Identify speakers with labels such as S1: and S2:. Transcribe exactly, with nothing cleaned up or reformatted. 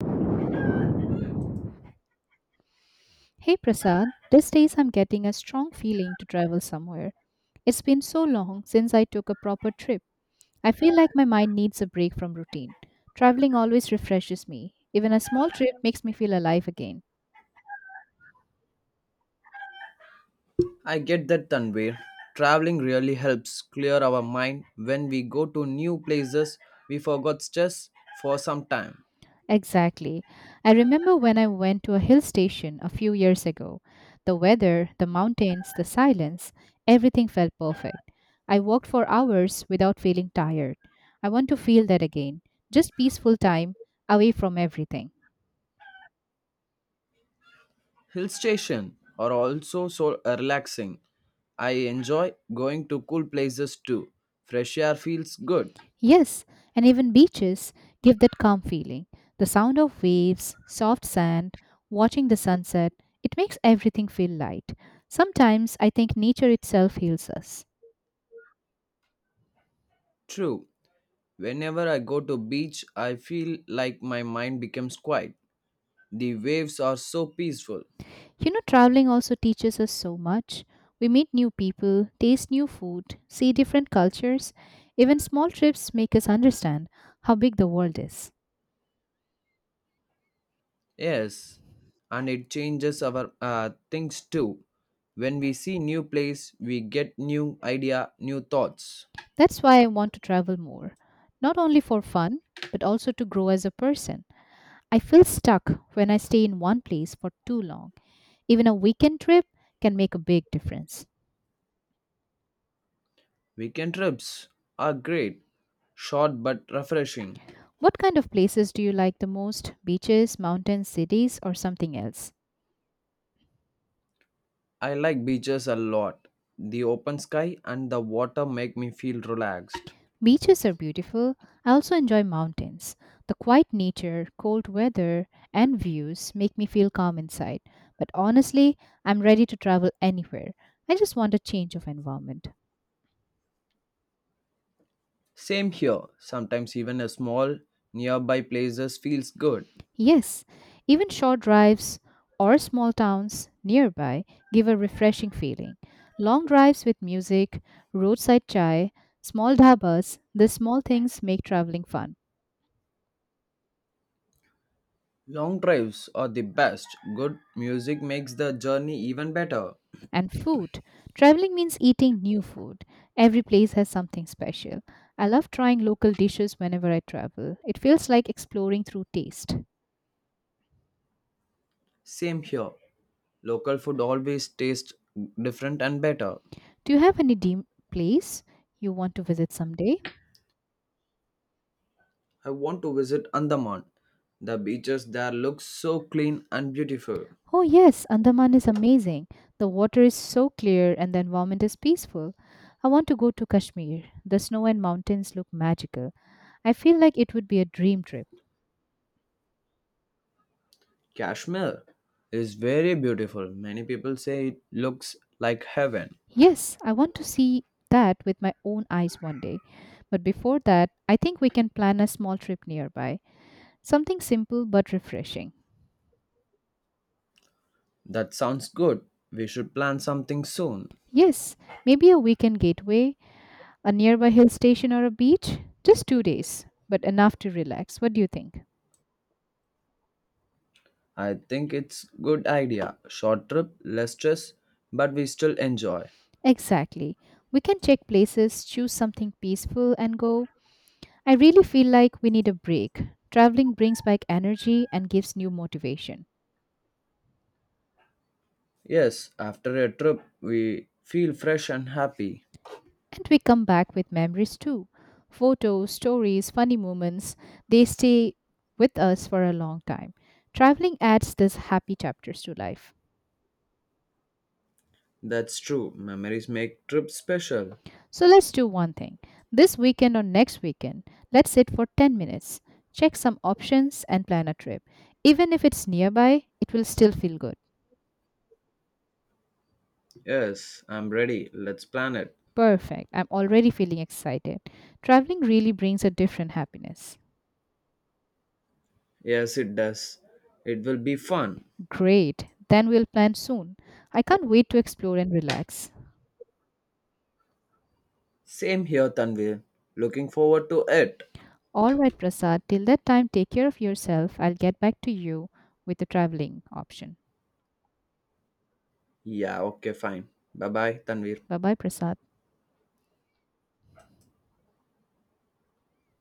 S1: Hey Prasad, these days I'm getting a strong feeling to travel somewhere. It's been so long since I took a proper trip. I feel like my mind needs a break from routine. Traveling always refreshes me. Even a small trip makes me feel alive again.
S2: I get that, Tanvir. Traveling really helps clear our mind. When we go to new places, we forgot stress for some time.
S1: Exactly. I remember when I went to a hill station a few years ago. The weather, the mountains, the silence, everything felt perfect. I walked for hours without feeling tired. I want to feel that again. Just peaceful time away from everything.
S2: Hill station are also so relaxing. I enjoy going to cool places too. Fresh air feels good.
S1: Yes, and even beaches give that calm feeling. The sound of waves, soft sand, watching the sunset, it makes everything feel light. Sometimes I think nature itself heals us.
S2: True. Whenever I go to beach, I feel like my mind becomes quiet. The waves are so peaceful.
S1: You know, traveling also teaches us so much. We meet new people, taste new food, see different cultures. Even small trips make us understand how big the world is.
S2: Yes, and it changes our uh, things too. When we see new place, we get new idea, new thoughts.
S1: That's why I want to travel more, not only for fun, but also to grow as a person. I feel stuck when I stay in one place for too long. Even a weekend trip can make a big difference.
S2: Weekend trips are great, short but refreshing.
S1: What kind of places do you like the most? Beaches, mountains, cities, or something else?
S2: I like beaches a lot. The open sky and the water make me feel relaxed.
S1: Beaches are beautiful. I also enjoy mountains. The quiet nature, cold weather, and views make me feel calm inside. But honestly, I'm ready to travel anywhere. I just want a change of environment.
S2: Same here. Sometimes even a small nearby places feels good.
S1: Yes, even short drives or small towns nearby give a refreshing feeling. Long drives with music, roadside chai, small dhabas, the small things make traveling fun.
S2: Long drives are the best. Good music makes the journey even better.
S1: And food. Traveling means eating new food. Every place has something special. I love trying local dishes whenever I travel. It feels like exploring through taste.
S2: Same here. Local food always tastes different and better.
S1: Do you have any dream place you want to visit someday?
S2: I want to visit Andaman. The beaches there look so clean and beautiful.
S1: Oh, yes, Andaman is amazing. The water is so clear and the environment is peaceful. I want to go to Kashmir. The snow and mountains look magical. I feel like it would be a dream trip.
S2: Kashmir is very beautiful. Many people say it looks like heaven.
S1: Yes, I want to see that with my own eyes one day. But before that, I think we can plan a small trip nearby. Something simple but refreshing.
S2: That sounds good. We should plan something soon.
S1: Yes, maybe a weekend getaway, a nearby hill station or a beach. Just two days, but enough to relax. What do you think?
S2: I think it's good idea. Short trip, less stress, but we still enjoy.
S1: Exactly. We can check places, choose something peaceful, and go. I really feel like we need a break. Traveling brings back energy and gives new motivation.
S2: Yes, after a trip we feel fresh and happy.
S1: And we come back with memories too, photos, stories, funny moments. They stay with us for a long time. Traveling adds these happy chapters to life.
S2: That's true. Memories make trips special.
S1: So let's do one thing. This weekend or next weekend, let's sit for ten minutes, check some options, and plan a trip. Even if it's nearby, it will still feel good.
S2: Yes, I'm ready. Let's plan it.
S1: Perfect. I'm already feeling excited. Traveling really brings a different happiness.
S2: Yes, it does. It will be fun.
S1: Great. Then we'll plan soon. I can't wait to explore and relax.
S2: Same here, Tanvir. Looking forward to it.
S1: All right, Prasad. Till that time, take care of yourself. I'll get back to you with the traveling option.
S2: Yeah, okay, fine. Bye bye, Tanvir.
S1: Bye bye, Prasad.